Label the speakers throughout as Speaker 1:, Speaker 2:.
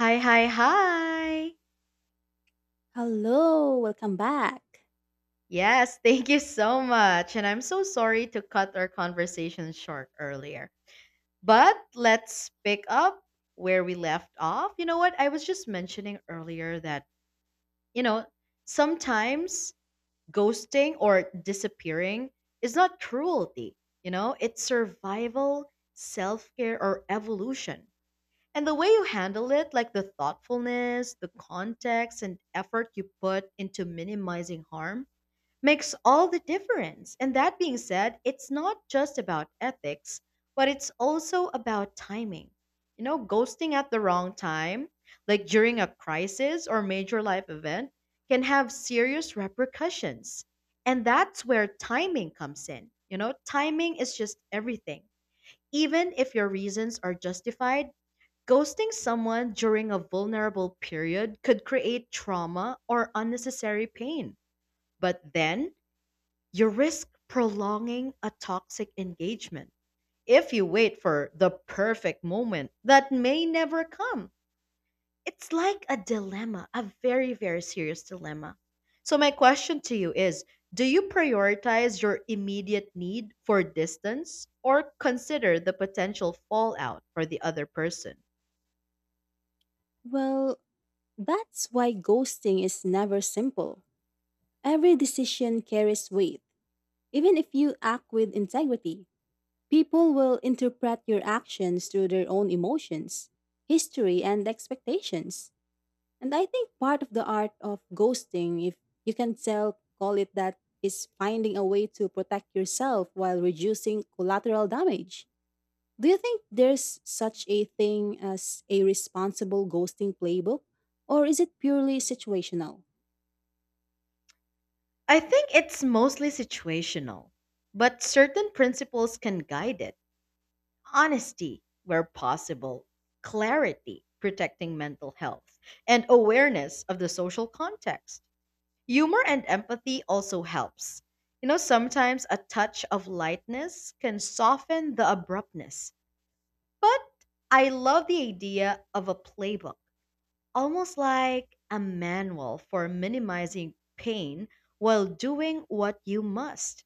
Speaker 1: Hi, hi, hi.
Speaker 2: Hello, welcome back.
Speaker 1: Yes, thank you so much. And I'm so sorry to cut our conversation short earlier. But let's pick up where we left off. You know what? I was just mentioning earlier that, you know, sometimes ghosting or disappearing is not cruelty, it's survival, self care, or evolution. And the way you handle it, like the thoughtfulness, the context, and effort you put into minimizing harm, makes all the difference. And that being said, it's not just about ethics, but it's also about timing. Ghosting at the wrong time, like during a crisis or major life event, can have serious repercussions. And that's where timing comes in. Timing is just everything. Even if your reasons are justified, ghosting someone during a vulnerable period could create trauma or unnecessary pain. But then, you risk prolonging a toxic engagement if you wait for the perfect moment that may never come. It's like a dilemma, a very, very serious dilemma. So, my question to you is, do you prioritize your immediate need for distance or consider the potential fallout for the other person?
Speaker 2: Well, that's why ghosting is never simple. Every decision carries weight. Even if you act with integrity, people will interpret your actions through their own emotions, history, and expectations. And I think part of the art of ghosting, if you can tell, call it that, is finding a way to protect yourself while reducing collateral damage. Do you think there's such a thing as a responsible ghosting playbook? Or is it purely situational?
Speaker 1: I think it's mostly situational, but certain principles can guide it. Honesty where possible, clarity, protecting mental health, and awareness of the social context. Humor and empathy also helps. Sometimes a touch of lightness can soften the abruptness. But I love the idea of a playbook, almost like a manual for minimizing pain while doing what you must.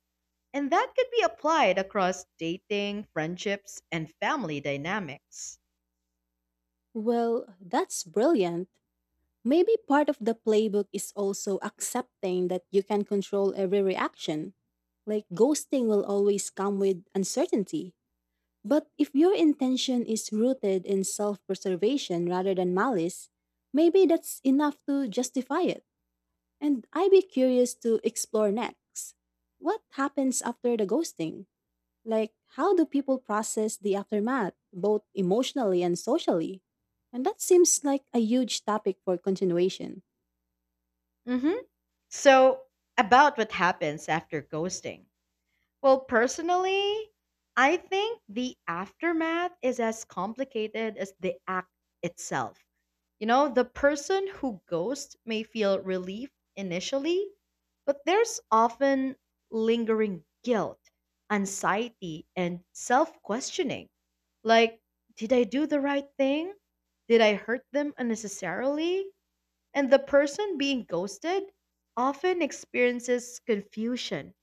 Speaker 1: And that could be applied across dating, friendships, and family dynamics.
Speaker 2: Well, that's brilliant. Maybe part of the playbook is also accepting that you can control every reaction. Like ghosting will always come with uncertainty. But if your intention is rooted in self preservation rather than malice, maybe that's enough to justify it. And I'd be curious to explore next. What happens after the ghosting? Like, how do people process the aftermath, both emotionally and socially? And that seems like a huge topic for continuation.
Speaker 1: hmm So, about what happens after ghosting. Well, personally, I think the aftermath is as complicated as the act itself. The person who ghosts may feel relief initially, but there's often lingering guilt, anxiety, and self questioning. Like, did I do the right thing? Did I hurt them unnecessarily? And the person being ghosted often experiences confusion,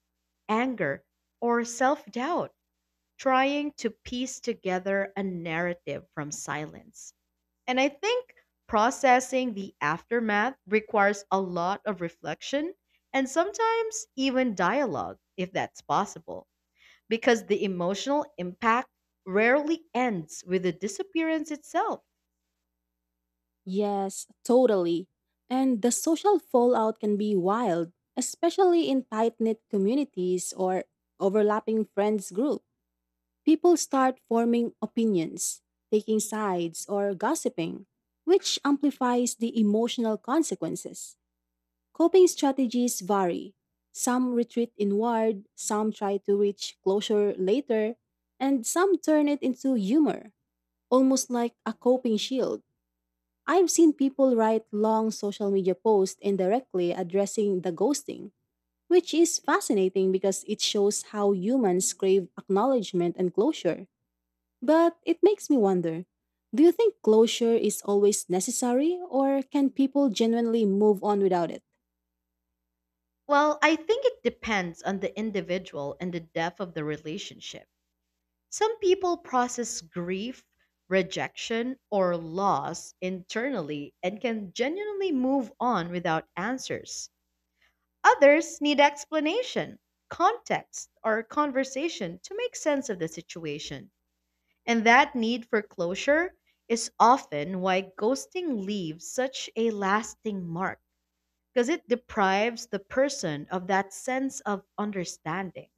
Speaker 1: anger, or self doubt, trying to piece together a narrative from silence. And I think processing the aftermath requires a lot of reflection and sometimes even dialogue, if that's possible, because the emotional impact rarely ends with the disappearance itself.
Speaker 2: Yes, totally. And the social fallout can be wild, especially in tight knit communities or overlapping friends groups. People start forming opinions, taking sides, or gossiping, which amplifies the emotional consequences. Coping strategies vary. Some retreat inward, some try to reach closure later, and some turn it into humor, almost like a coping shield. I've seen people write long social media posts indirectly addressing the ghosting, which is fascinating because it shows how humans crave acknowledgement and closure. But it makes me wonder, do you think closure is always necessary, or can people genuinely move on without it?
Speaker 1: Well, I think it depends on the individual and the depth of the relationship. Some people process grief, rejection, or loss internally and can genuinely move on without answers. Others need explanation, context, or conversation to make sense of the situation. And that need for closure is often why ghosting leaves such a lasting mark because it deprives the person of that sense of understanding.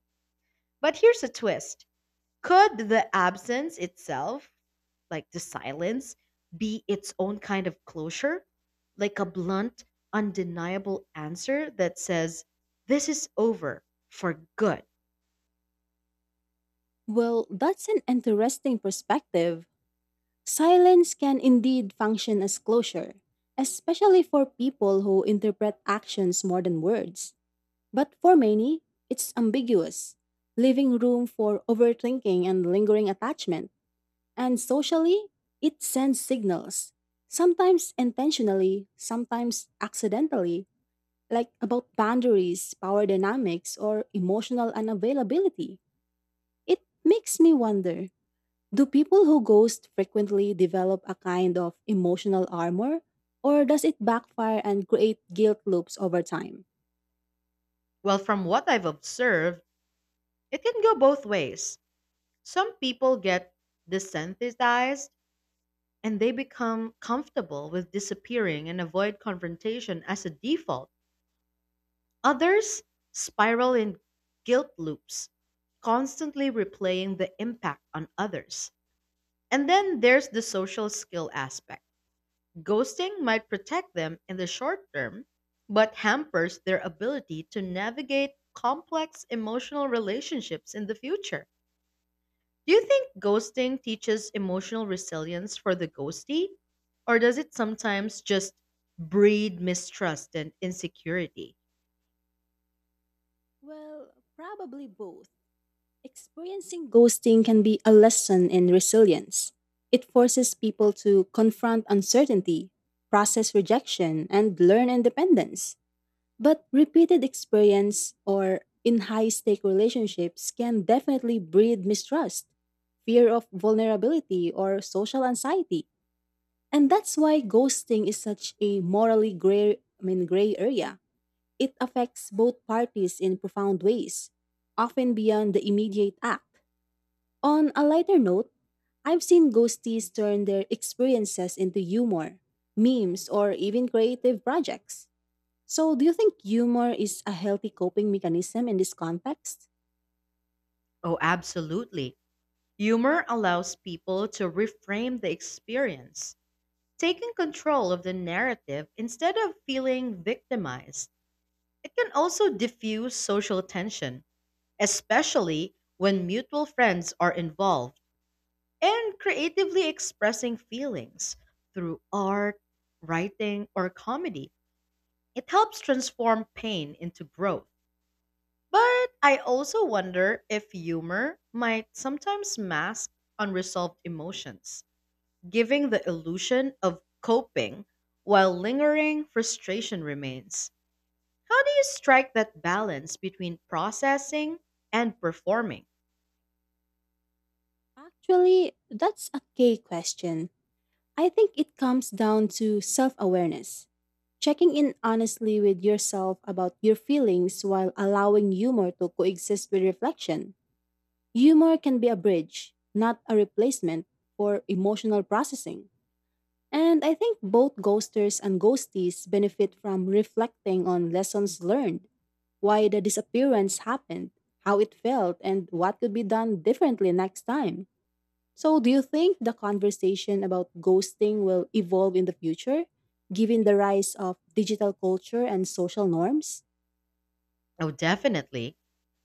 Speaker 1: But here's a twist, could the absence itself, like the silence, be its own kind of closure? Like a blunt, undeniable answer that says, this is over for good.
Speaker 2: Well, that's an interesting perspective. Silence can indeed function as closure, especially for people who interpret actions more than words. But for many, it's ambiguous, leaving room for overthinking and lingering attachment. And socially, it sends signals, sometimes intentionally, sometimes accidentally, like about boundaries, power dynamics, or emotional unavailability. It makes me wonder, do people who ghost frequently develop a kind of emotional armor, or does it backfire and create guilt loops over time?
Speaker 1: Well, from what I've observed, it can go both ways. Some people get desensitized and they become comfortable with disappearing and avoid confrontation as a default. Others spiral in guilt loops, constantly replaying the impact on others. And then there's the social skill aspect. Ghosting might protect them in the short term, but hampers their ability to navigate complex emotional relationships in the future. Do you think ghosting teaches emotional resilience for the ghostee? Or does it sometimes just breed mistrust and insecurity?
Speaker 2: Well, probably both. Experiencing ghosting can be a lesson in resilience. It forces people to confront uncertainty, process rejection, and learn independence. But repeated experience or in high stake relationships can definitely breed mistrust, fear of vulnerability, or social anxiety. And that's why ghosting is such a morally gray area. It affects both parties in profound ways, often beyond the immediate act. On a lighter note, I've seen ghosties turn their experiences into humor, memes, or even creative projects. So, do you think humor is a healthy coping mechanism in this context?
Speaker 1: Oh, absolutely. Humor allows people to reframe the experience, taking control of the narrative instead of feeling victimized. It can also diffuse social tension, especially when mutual friends are involved, and creatively expressing feelings through art, writing, or comedy. It helps transform pain into growth. But I also wonder if humor might sometimes mask unresolved emotions, giving the illusion of coping while lingering frustration remains. How do you strike that balance between processing and performing?
Speaker 2: Actually, that's a key question. I think it comes down to self awareness, checking in honestly with yourself about your feelings while allowing humor to coexist with reflection. Humor can be a bridge, not a replacement for emotional processing. And I think both ghosters and ghosties benefit from reflecting on lessons learned, why the disappearance happened, how it felt, and what could be done differently next time. So, do you think the conversation about ghosting will evolve in the future, given the rise of digital culture and social norms?
Speaker 1: Oh, definitely.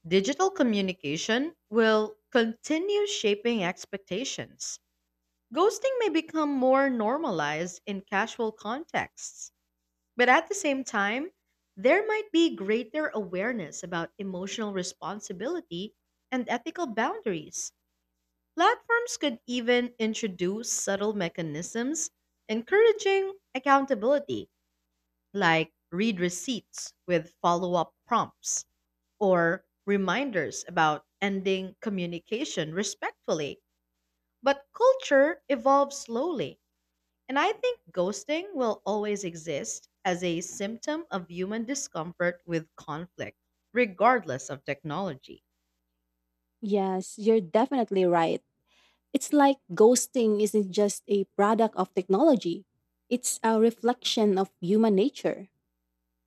Speaker 1: Digital communication will continue shaping expectations. Ghosting may become more normalized in casual contexts, but at the same time, there might be greater awareness about emotional responsibility and ethical boundaries. Platforms could even introduce subtle mechanisms encouraging accountability, like read receipts with follow up prompts or reminders about ending communication respectfully. But culture evolves slowly, and I think ghosting will always exist as a symptom of human discomfort with conflict, regardless of technology.
Speaker 2: Yes, you're definitely right. It's like ghosting isn't just a product of technology, it's a reflection of human nature.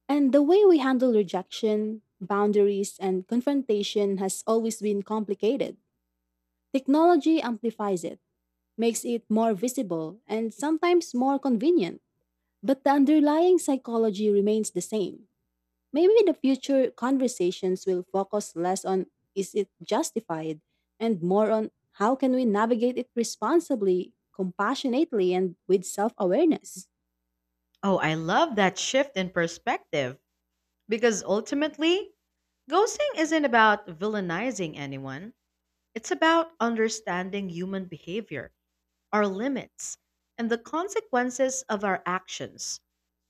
Speaker 2: And the way we handle rejection, boundaries, and confrontation has always been complicated. Technology amplifies it, makes it more visible, and sometimes more convenient. But the underlying psychology remains the same. Maybe the future conversations will focus less on "is it justified" and more on "how can we navigate it responsibly, compassionately, and with self awareness?"
Speaker 1: Oh, I love that shift in perspective. Because ultimately, ghosting isn't about villainizing anyone, it's about understanding human behavior, our limits, and the consequences of our actions.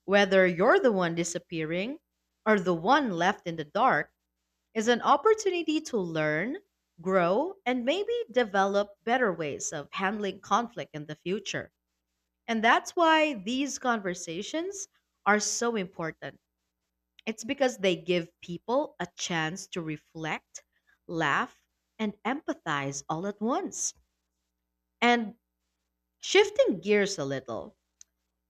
Speaker 1: Whether you're the one disappearing or the one left in the dark is an opportunity to learn, grow, and maybe develop better ways of handling conflict in the future. And that's why these conversations are so important, it's because they give people a chance to reflect, laugh, and empathize all at once. And shifting gears a little,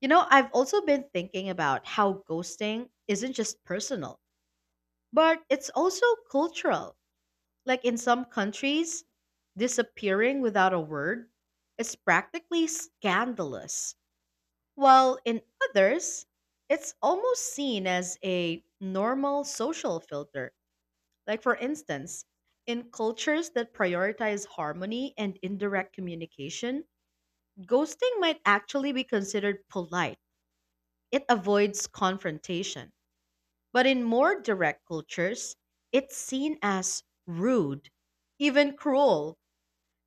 Speaker 1: I've also been thinking about how ghosting isn't just personal, but it's also cultural. Like in some countries, disappearing without a word is practically scandalous, while in others, it's almost seen as a normal social filter. Like, for instance, in cultures that prioritize harmony and indirect communication, ghosting might actually be considered polite. It avoids confrontation. But in more direct cultures, it's seen as rude, even cruel.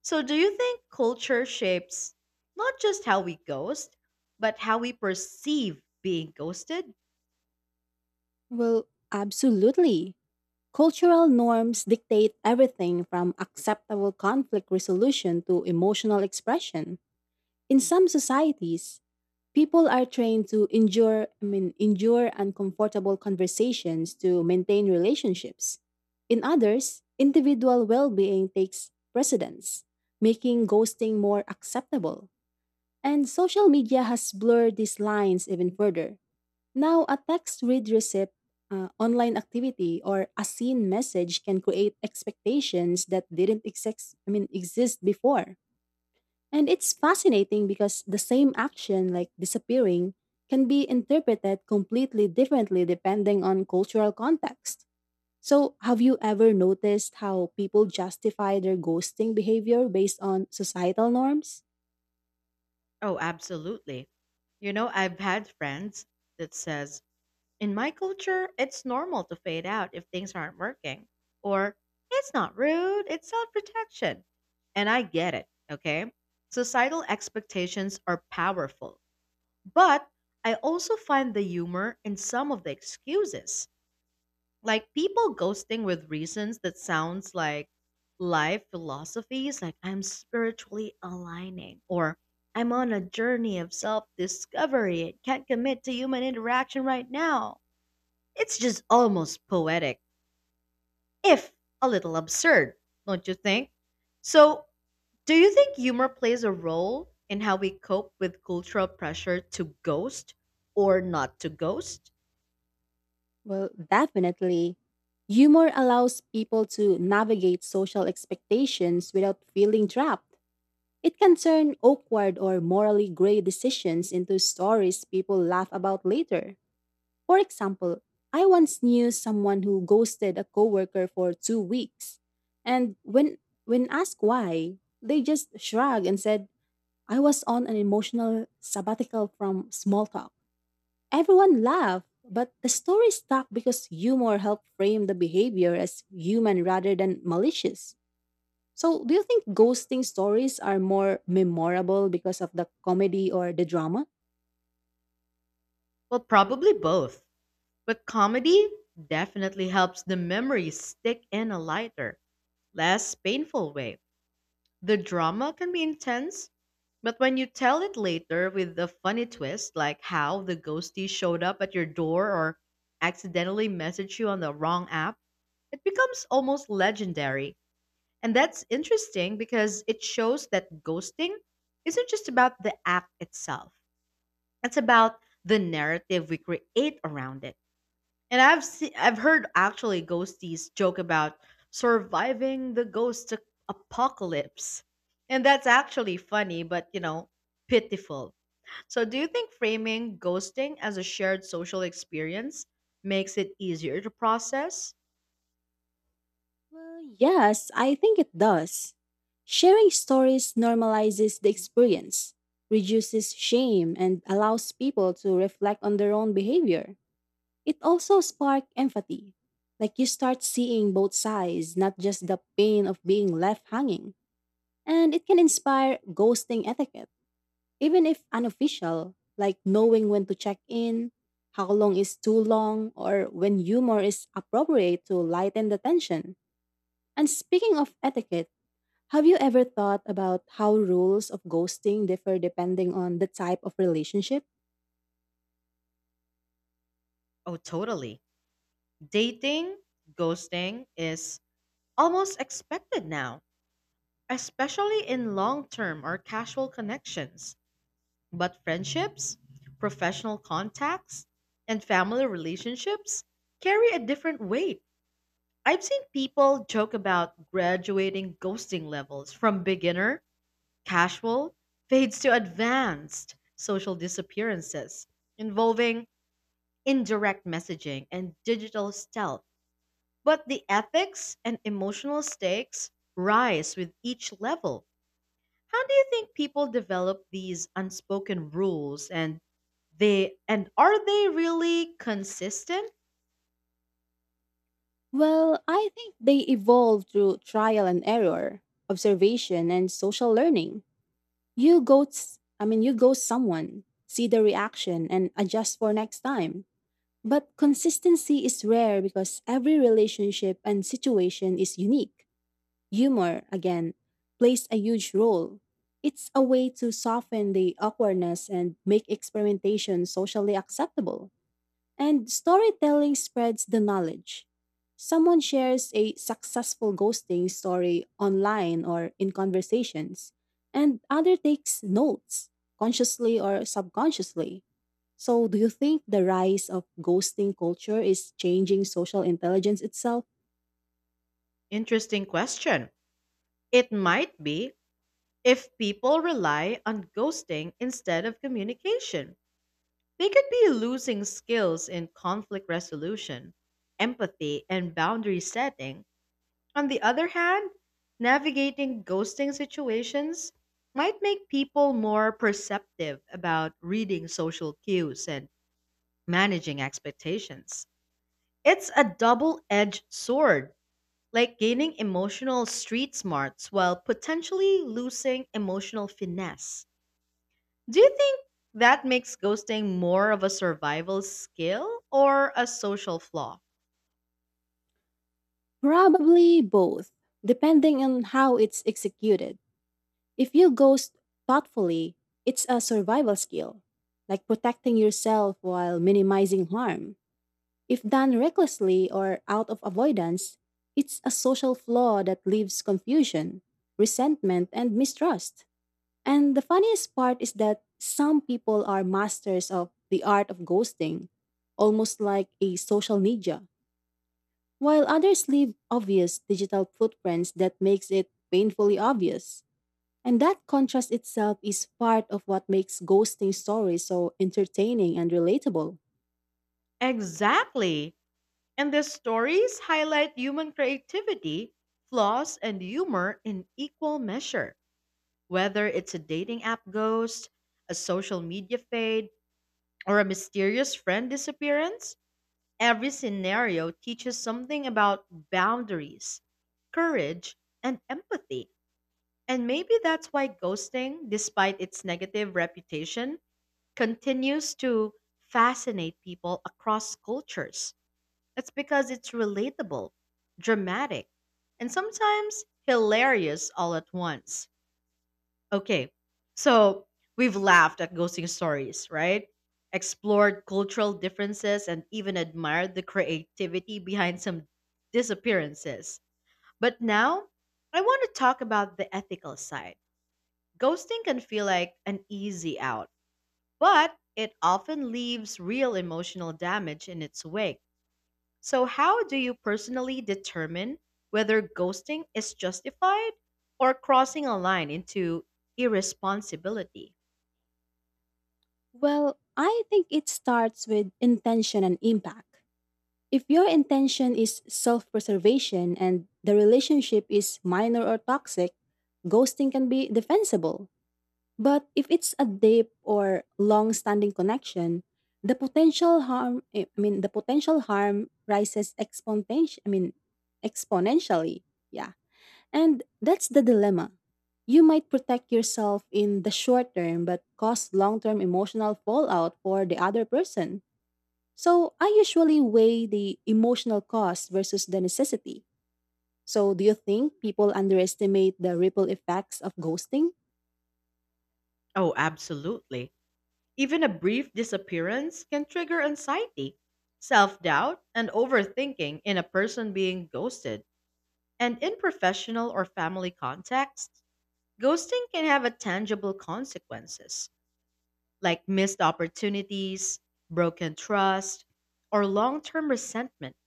Speaker 1: So, do you think culture shapes not just how we ghost, but how we perceive being ghosted?
Speaker 2: Well, absolutely. Cultural norms dictate everything from acceptable conflict resolution to emotional expression. In some societies, people are trained to endure uncomfortable conversations to maintain relationships. In others, individual well-being takes precedence, making ghosting more acceptable. And social media has blurred these lines even further. Now, a text read receipt, online activity, or a seen message can create expectations that didn't exist before. And it's fascinating because the same action, like disappearing, can be interpreted completely differently depending on cultural context. So, have you ever noticed how people justify their ghosting behavior based on societal norms?
Speaker 1: Oh, absolutely. I've had friends that says, in my culture, it's normal to fade out if things aren't working. Or, it's not rude, it's self protection. And I get it, okay? Societal expectations are powerful. But I also find the humor in some of the excuses. Like people ghosting with reasons that sounds like life philosophies, like I'm spiritually aligning, or I'm on a journey of self discovery and can't commit to human interaction right now, it's just almost poetic, if a little absurd, don't you think? So, do you think humor plays a role in how we cope with cultural pressure to ghost or not to ghost?
Speaker 2: Well, definitely. Humor allows people to navigate social expectations without feeling trapped. It can turn awkward or morally gray decisions into stories people laugh about later. For example, I once knew someone who ghosted a coworker for 2 weeks. And when asked why, they just shrugged and said, "I was on an emotional sabbatical from small talk." Everyone laughed, but the story stuck because humor helped frame the behavior as human rather than malicious. So, do you think ghosting stories are more memorable because of the comedy or the drama?
Speaker 1: Well, probably both. But comedy definitely helps the memory stick in a lighter, less painful way. The drama can be intense, but when you tell it later with a funny twist, like how the ghostie showed up at your door or accidentally messaged you on the wrong app, it becomes almost legendary. And that's interesting because it shows that ghosting isn't just about the act itself. It's about the narrative we create around it. And I've heard actually ghosties joke about surviving the ghost apocalypse. And that's actually funny, but pitiful. So, do you think framing ghosting as a shared social experience makes it easier to process?
Speaker 2: Well, yes, I think it does. Sharing stories normalizes the experience, reduces shame, and allows people to reflect on their own behavior. It also sparks empathy. Like you start seeing both sides, not just the pain of being left hanging. And it can inspire ghosting etiquette, even if unofficial, like knowing when to check in, how long is too long, or when humor is appropriate to lighten the tension. And speaking of etiquette, have you ever thought about how rules of ghosting differ depending on the type of relationship?
Speaker 1: Oh, totally. Dating, ghosting is almost expected now, especially in long term or casual connections. But friendships, professional contacts, and family relationships carry a different weight. I've seen people joke about graduating ghosting levels from beginner casual fades to advanced social disappearances involving indirect messaging and digital stealth. But the ethics and emotional stakes rise with each level. How do you think people develop these unspoken rules, and are they really consistent?
Speaker 2: Well, I think they evolve through trial and error, observation, and social learning. You ghost someone, see the reaction, and adjust for next time. But consistency is rare because every relationship and situation is unique. Humor, again, plays a huge role. It's a way to soften the awkwardness and make experimentation socially acceptable. And storytelling spreads the knowledge. Someone shares a successful ghosting story online or in conversations, and other takes notes, consciously or subconsciously. So, do you think the rise of ghosting culture is changing social intelligence itself?
Speaker 1: Interesting question. It might be if people rely on ghosting instead of communication. They could be losing skills in conflict resolution, empathy, and boundary setting. On the other hand, navigating ghosting situations might make people more perceptive about reading social cues and managing expectations. It's a double edged sword, like gaining emotional street smarts while potentially losing emotional finesse. Do you think that makes ghosting more of a survival skill or a social flaw?
Speaker 2: Probably both, depending on how it's executed. If you ghost thoughtfully, it's a survival skill, like protecting yourself while minimizing harm. If done recklessly or out of avoidance, it's a social flaw that leaves confusion, resentment, and mistrust. And the funniest part is that some people are masters of the art of ghosting, almost like a social ninja, while others leave obvious digital footprints that makes it painfully obvious. And that contrast itself is part of what makes ghosting stories so entertaining and relatable.
Speaker 1: Exactly. And the stories highlight human creativity, flaws, and humor in equal measure. Whether it's a dating app ghost, a social media fade, or a mysterious friend disappearance, every scenario teaches something about boundaries, courage, and empathy. And maybe that's why ghosting, despite its negative reputation, continues to fascinate people across cultures. It's because it's relatable, dramatic, and sometimes hilarious all at once. Okay, so we've laughed at ghosting stories, right? Explored cultural differences and even admired the creativity behind some disappearances. But now, I want to talk about the ethical side. Ghosting can feel like an easy out, but it often leaves real emotional damage in its wake. So, how do you personally determine whether ghosting is justified or crossing a line into irresponsibility?
Speaker 2: Well, I think it starts with intention and impact. If your intention is self preservation and the relationship is minor or toxic, ghosting can be defensible. But if it's a deep or long-standing connection, the potential harm rises exponentially I mean exponentially. Yeah. And that's the dilemma. You might protect yourself in the short term but cause long-term emotional fallout for the other person. So I usually weigh the emotional cost versus the necessity. So do you think people underestimate the ripple effects of ghosting?
Speaker 1: Oh, absolutely. Even a brief disappearance can trigger anxiety, self doubt, and overthinking in a person being ghosted. And in professional or family contexts, ghosting can have a tangible consequences, like missed opportunities, broken trust, or long-term resentment.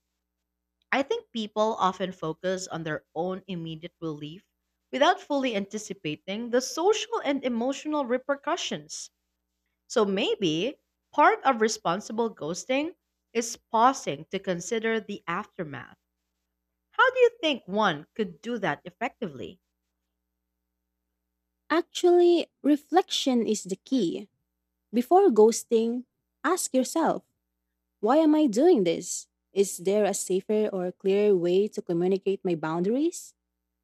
Speaker 1: I think people often focus on their own immediate relief without fully anticipating the social and emotional repercussions. So maybe part of responsible ghosting is pausing to consider the aftermath. How do you think one could do that effectively?
Speaker 2: Actually, reflection is the key. Before ghosting, ask yourself, why am I doing this? Is there a safer or clearer way to communicate my boundaries?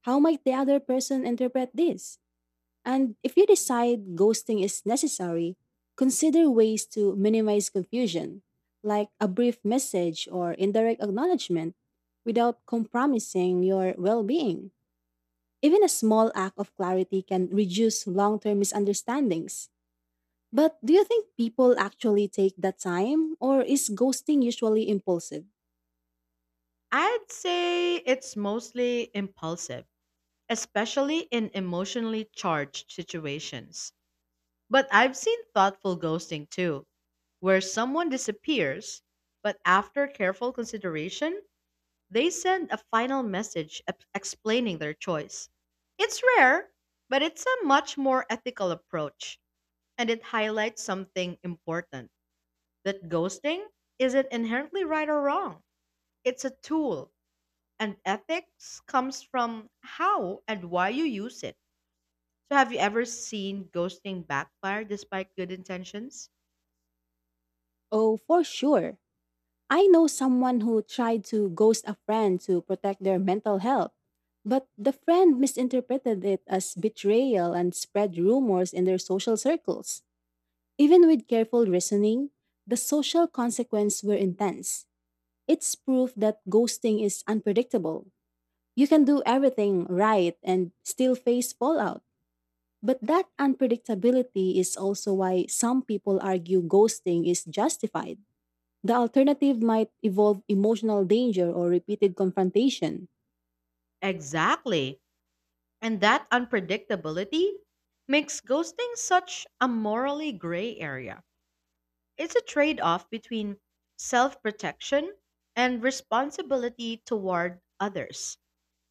Speaker 2: How might the other person interpret this? And if you decide ghosting is necessary, consider ways to minimize confusion, like a brief message or indirect acknowledgement, without compromising your well being. Even a small act of clarity can reduce long term misunderstandings. But do you think people actually take that time, or is ghosting usually impulsive?
Speaker 1: I'd say it's mostly impulsive, especially in emotionally charged situations. But I've seen thoughtful ghosting too, where someone disappears, but after careful consideration, they send a final message explaining their choice. It's rare, but it's a much more ethical approach, and it highlights something important, that ghosting isn't inherently right or wrong. It's a tool, and ethics comes from how and why you use it. So have you ever seen ghosting backfire despite good intentions?
Speaker 2: Oh, for sure. I know someone who tried to ghost a friend to protect their mental health, but the friend misinterpreted it as betrayal and spread rumors in their social circles. Even with careful reasoning, the social consequences were intense. It's proof that ghosting is unpredictable. You can do everything right and still face fallout. But that unpredictability is also why some people argue ghosting is justified. The alternative might involve emotional danger or repeated confrontation.
Speaker 1: Exactly. And that unpredictability makes ghosting such a morally gray area. It's a trade off between self protection and responsibility toward others.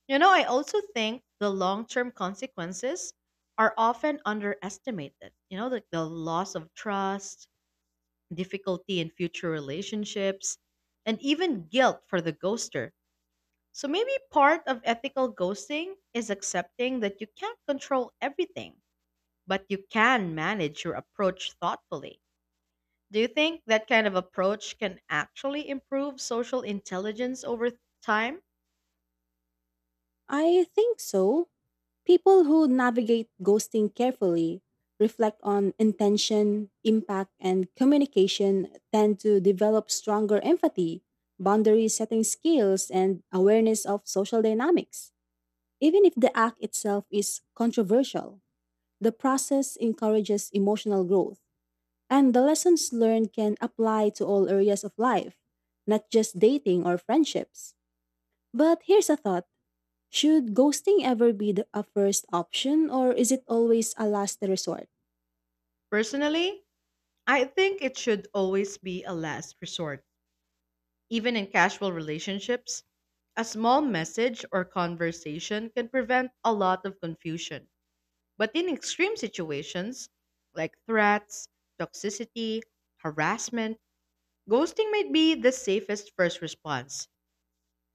Speaker 1: I also think the long term consequences are often underestimated. Like the loss of trust, difficulty in future relationships, and even guilt for the ghoster. So maybe part of ethical ghosting is accepting that you can't control everything, but you can manage your approach thoughtfully. Do you think that kind of approach can actually improve social intelligence over time?
Speaker 2: I think so. People who navigate ghosting carefully, reflect on intention, impact, and communication tend to develop stronger empathy, boundary setting skills, and awareness of social dynamics. Even if the act itself is controversial, the process encourages emotional growth, and the lessons learned can apply to all areas of life, not just dating or friendships. But here's a thought, should ghosting ever be a first option, or is it always a last resort?
Speaker 1: Personally, I think it should always be a last resort. Even in casual relationships, a small message or conversation can prevent a lot of confusion. But in extreme situations, like threats, toxicity, harassment, ghosting might be the safest first response.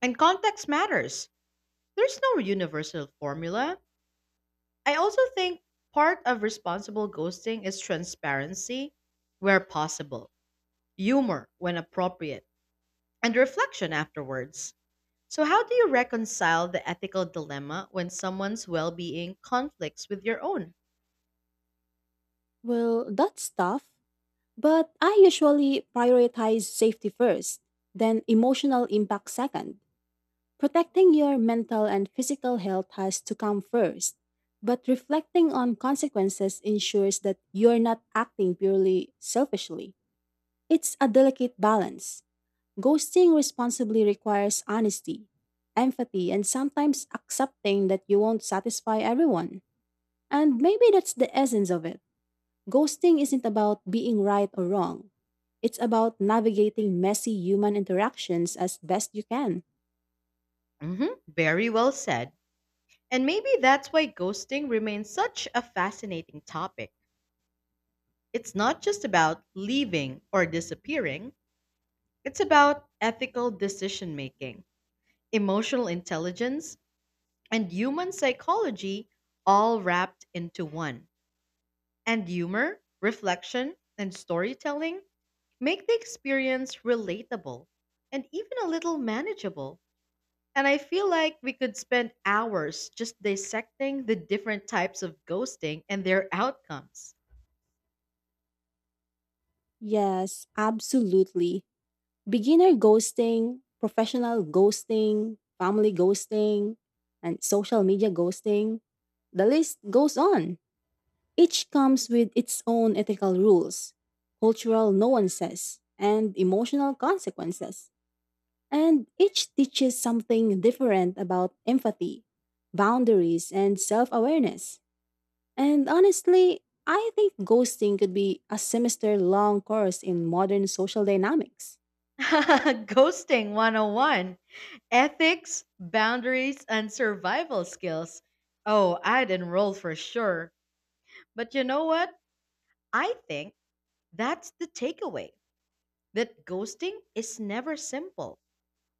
Speaker 1: And context matters. There's no universal formula. I also think part of responsible ghosting is transparency where possible, humor when appropriate, and reflection afterwards. So, how do you reconcile the ethical dilemma when someone's well being conflicts with your own?
Speaker 2: Well, that's tough, but I usually prioritize safety first, then emotional impact second. Protecting your mental and physical health has to come first, but reflecting on consequences ensures that you're not acting purely selfishly. It's a delicate balance. Ghosting responsibly requires honesty, empathy, and sometimes accepting that you won't satisfy everyone. And maybe that's the essence of it. Ghosting isn't about being right or wrong. It's about navigating messy human interactions as best you can.
Speaker 1: Very well said. And maybe that's why ghosting remains such a fascinating topic. It's not just about leaving or disappearing, it's about ethical decision making, emotional intelligence, and human psychology all wrapped into one. And humor, reflection, and storytelling make the experience relatable and even a little manageable. And I feel like we could spend hours just dissecting the different types of ghosting and their outcomes.
Speaker 2: Yes, absolutely. Beginner ghosting, professional ghosting, family ghosting, and social media ghosting. The list goes on. Each comes with its own ethical rules, cultural nuances, and emotional consequences. And each teaches something different about empathy, boundaries, and self awareness. And honestly, I think ghosting could be a semester long course in modern social dynamics.
Speaker 1: Ghosting 101, ethics, boundaries, and survival skills. Oh, I'd enroll for sure. But you know what? I think that's the takeaway, that ghosting is never simple,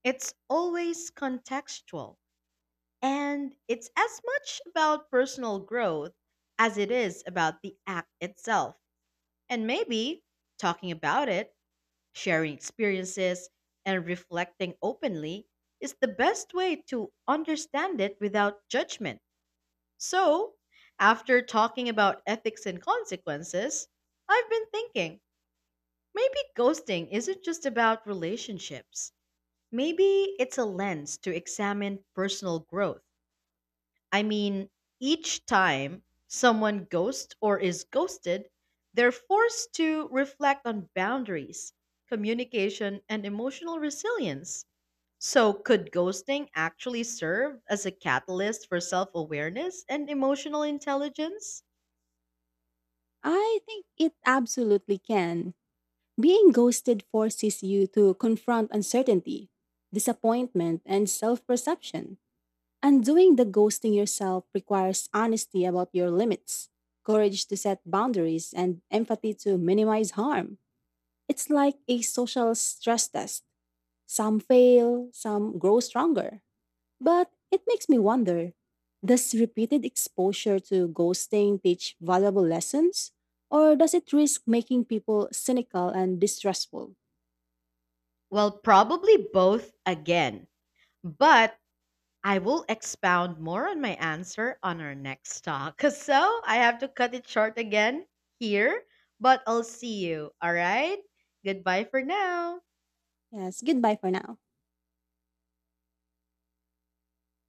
Speaker 1: it's always contextual. And it's as much about personal growth as it is about the act itself. And maybe talking about it, sharing experiences, and reflecting openly is the best way to understand it without judgment. So, after talking about ethics and consequences, I've been thinking maybe ghosting isn't just about relationships. Maybe it's a lens to examine personal growth. I mean, each time someone ghosts or is ghosted, they're forced to reflect on boundaries, communication, and emotional resilience. So, could ghosting actually serve as a catalyst for self awareness and emotional intelligence?
Speaker 2: I think it absolutely can. Being ghosted forces you to confront uncertainty, disappointment, and self perception. And doing the ghosting yourself requires honesty about your limits, courage to set boundaries, and empathy to minimize harm. It's like a social stress test. Some fail, some grow stronger. But it makes me wonder, does repeated exposure to ghosting teach valuable lessons? Or does it risk making people cynical and distrustful?
Speaker 1: Well, probably both again. But I will expound more on my answer on our next talk. So I have to cut it short again here, but I'll see you. All right. Goodbye for now.
Speaker 2: Yes, goodbye for now.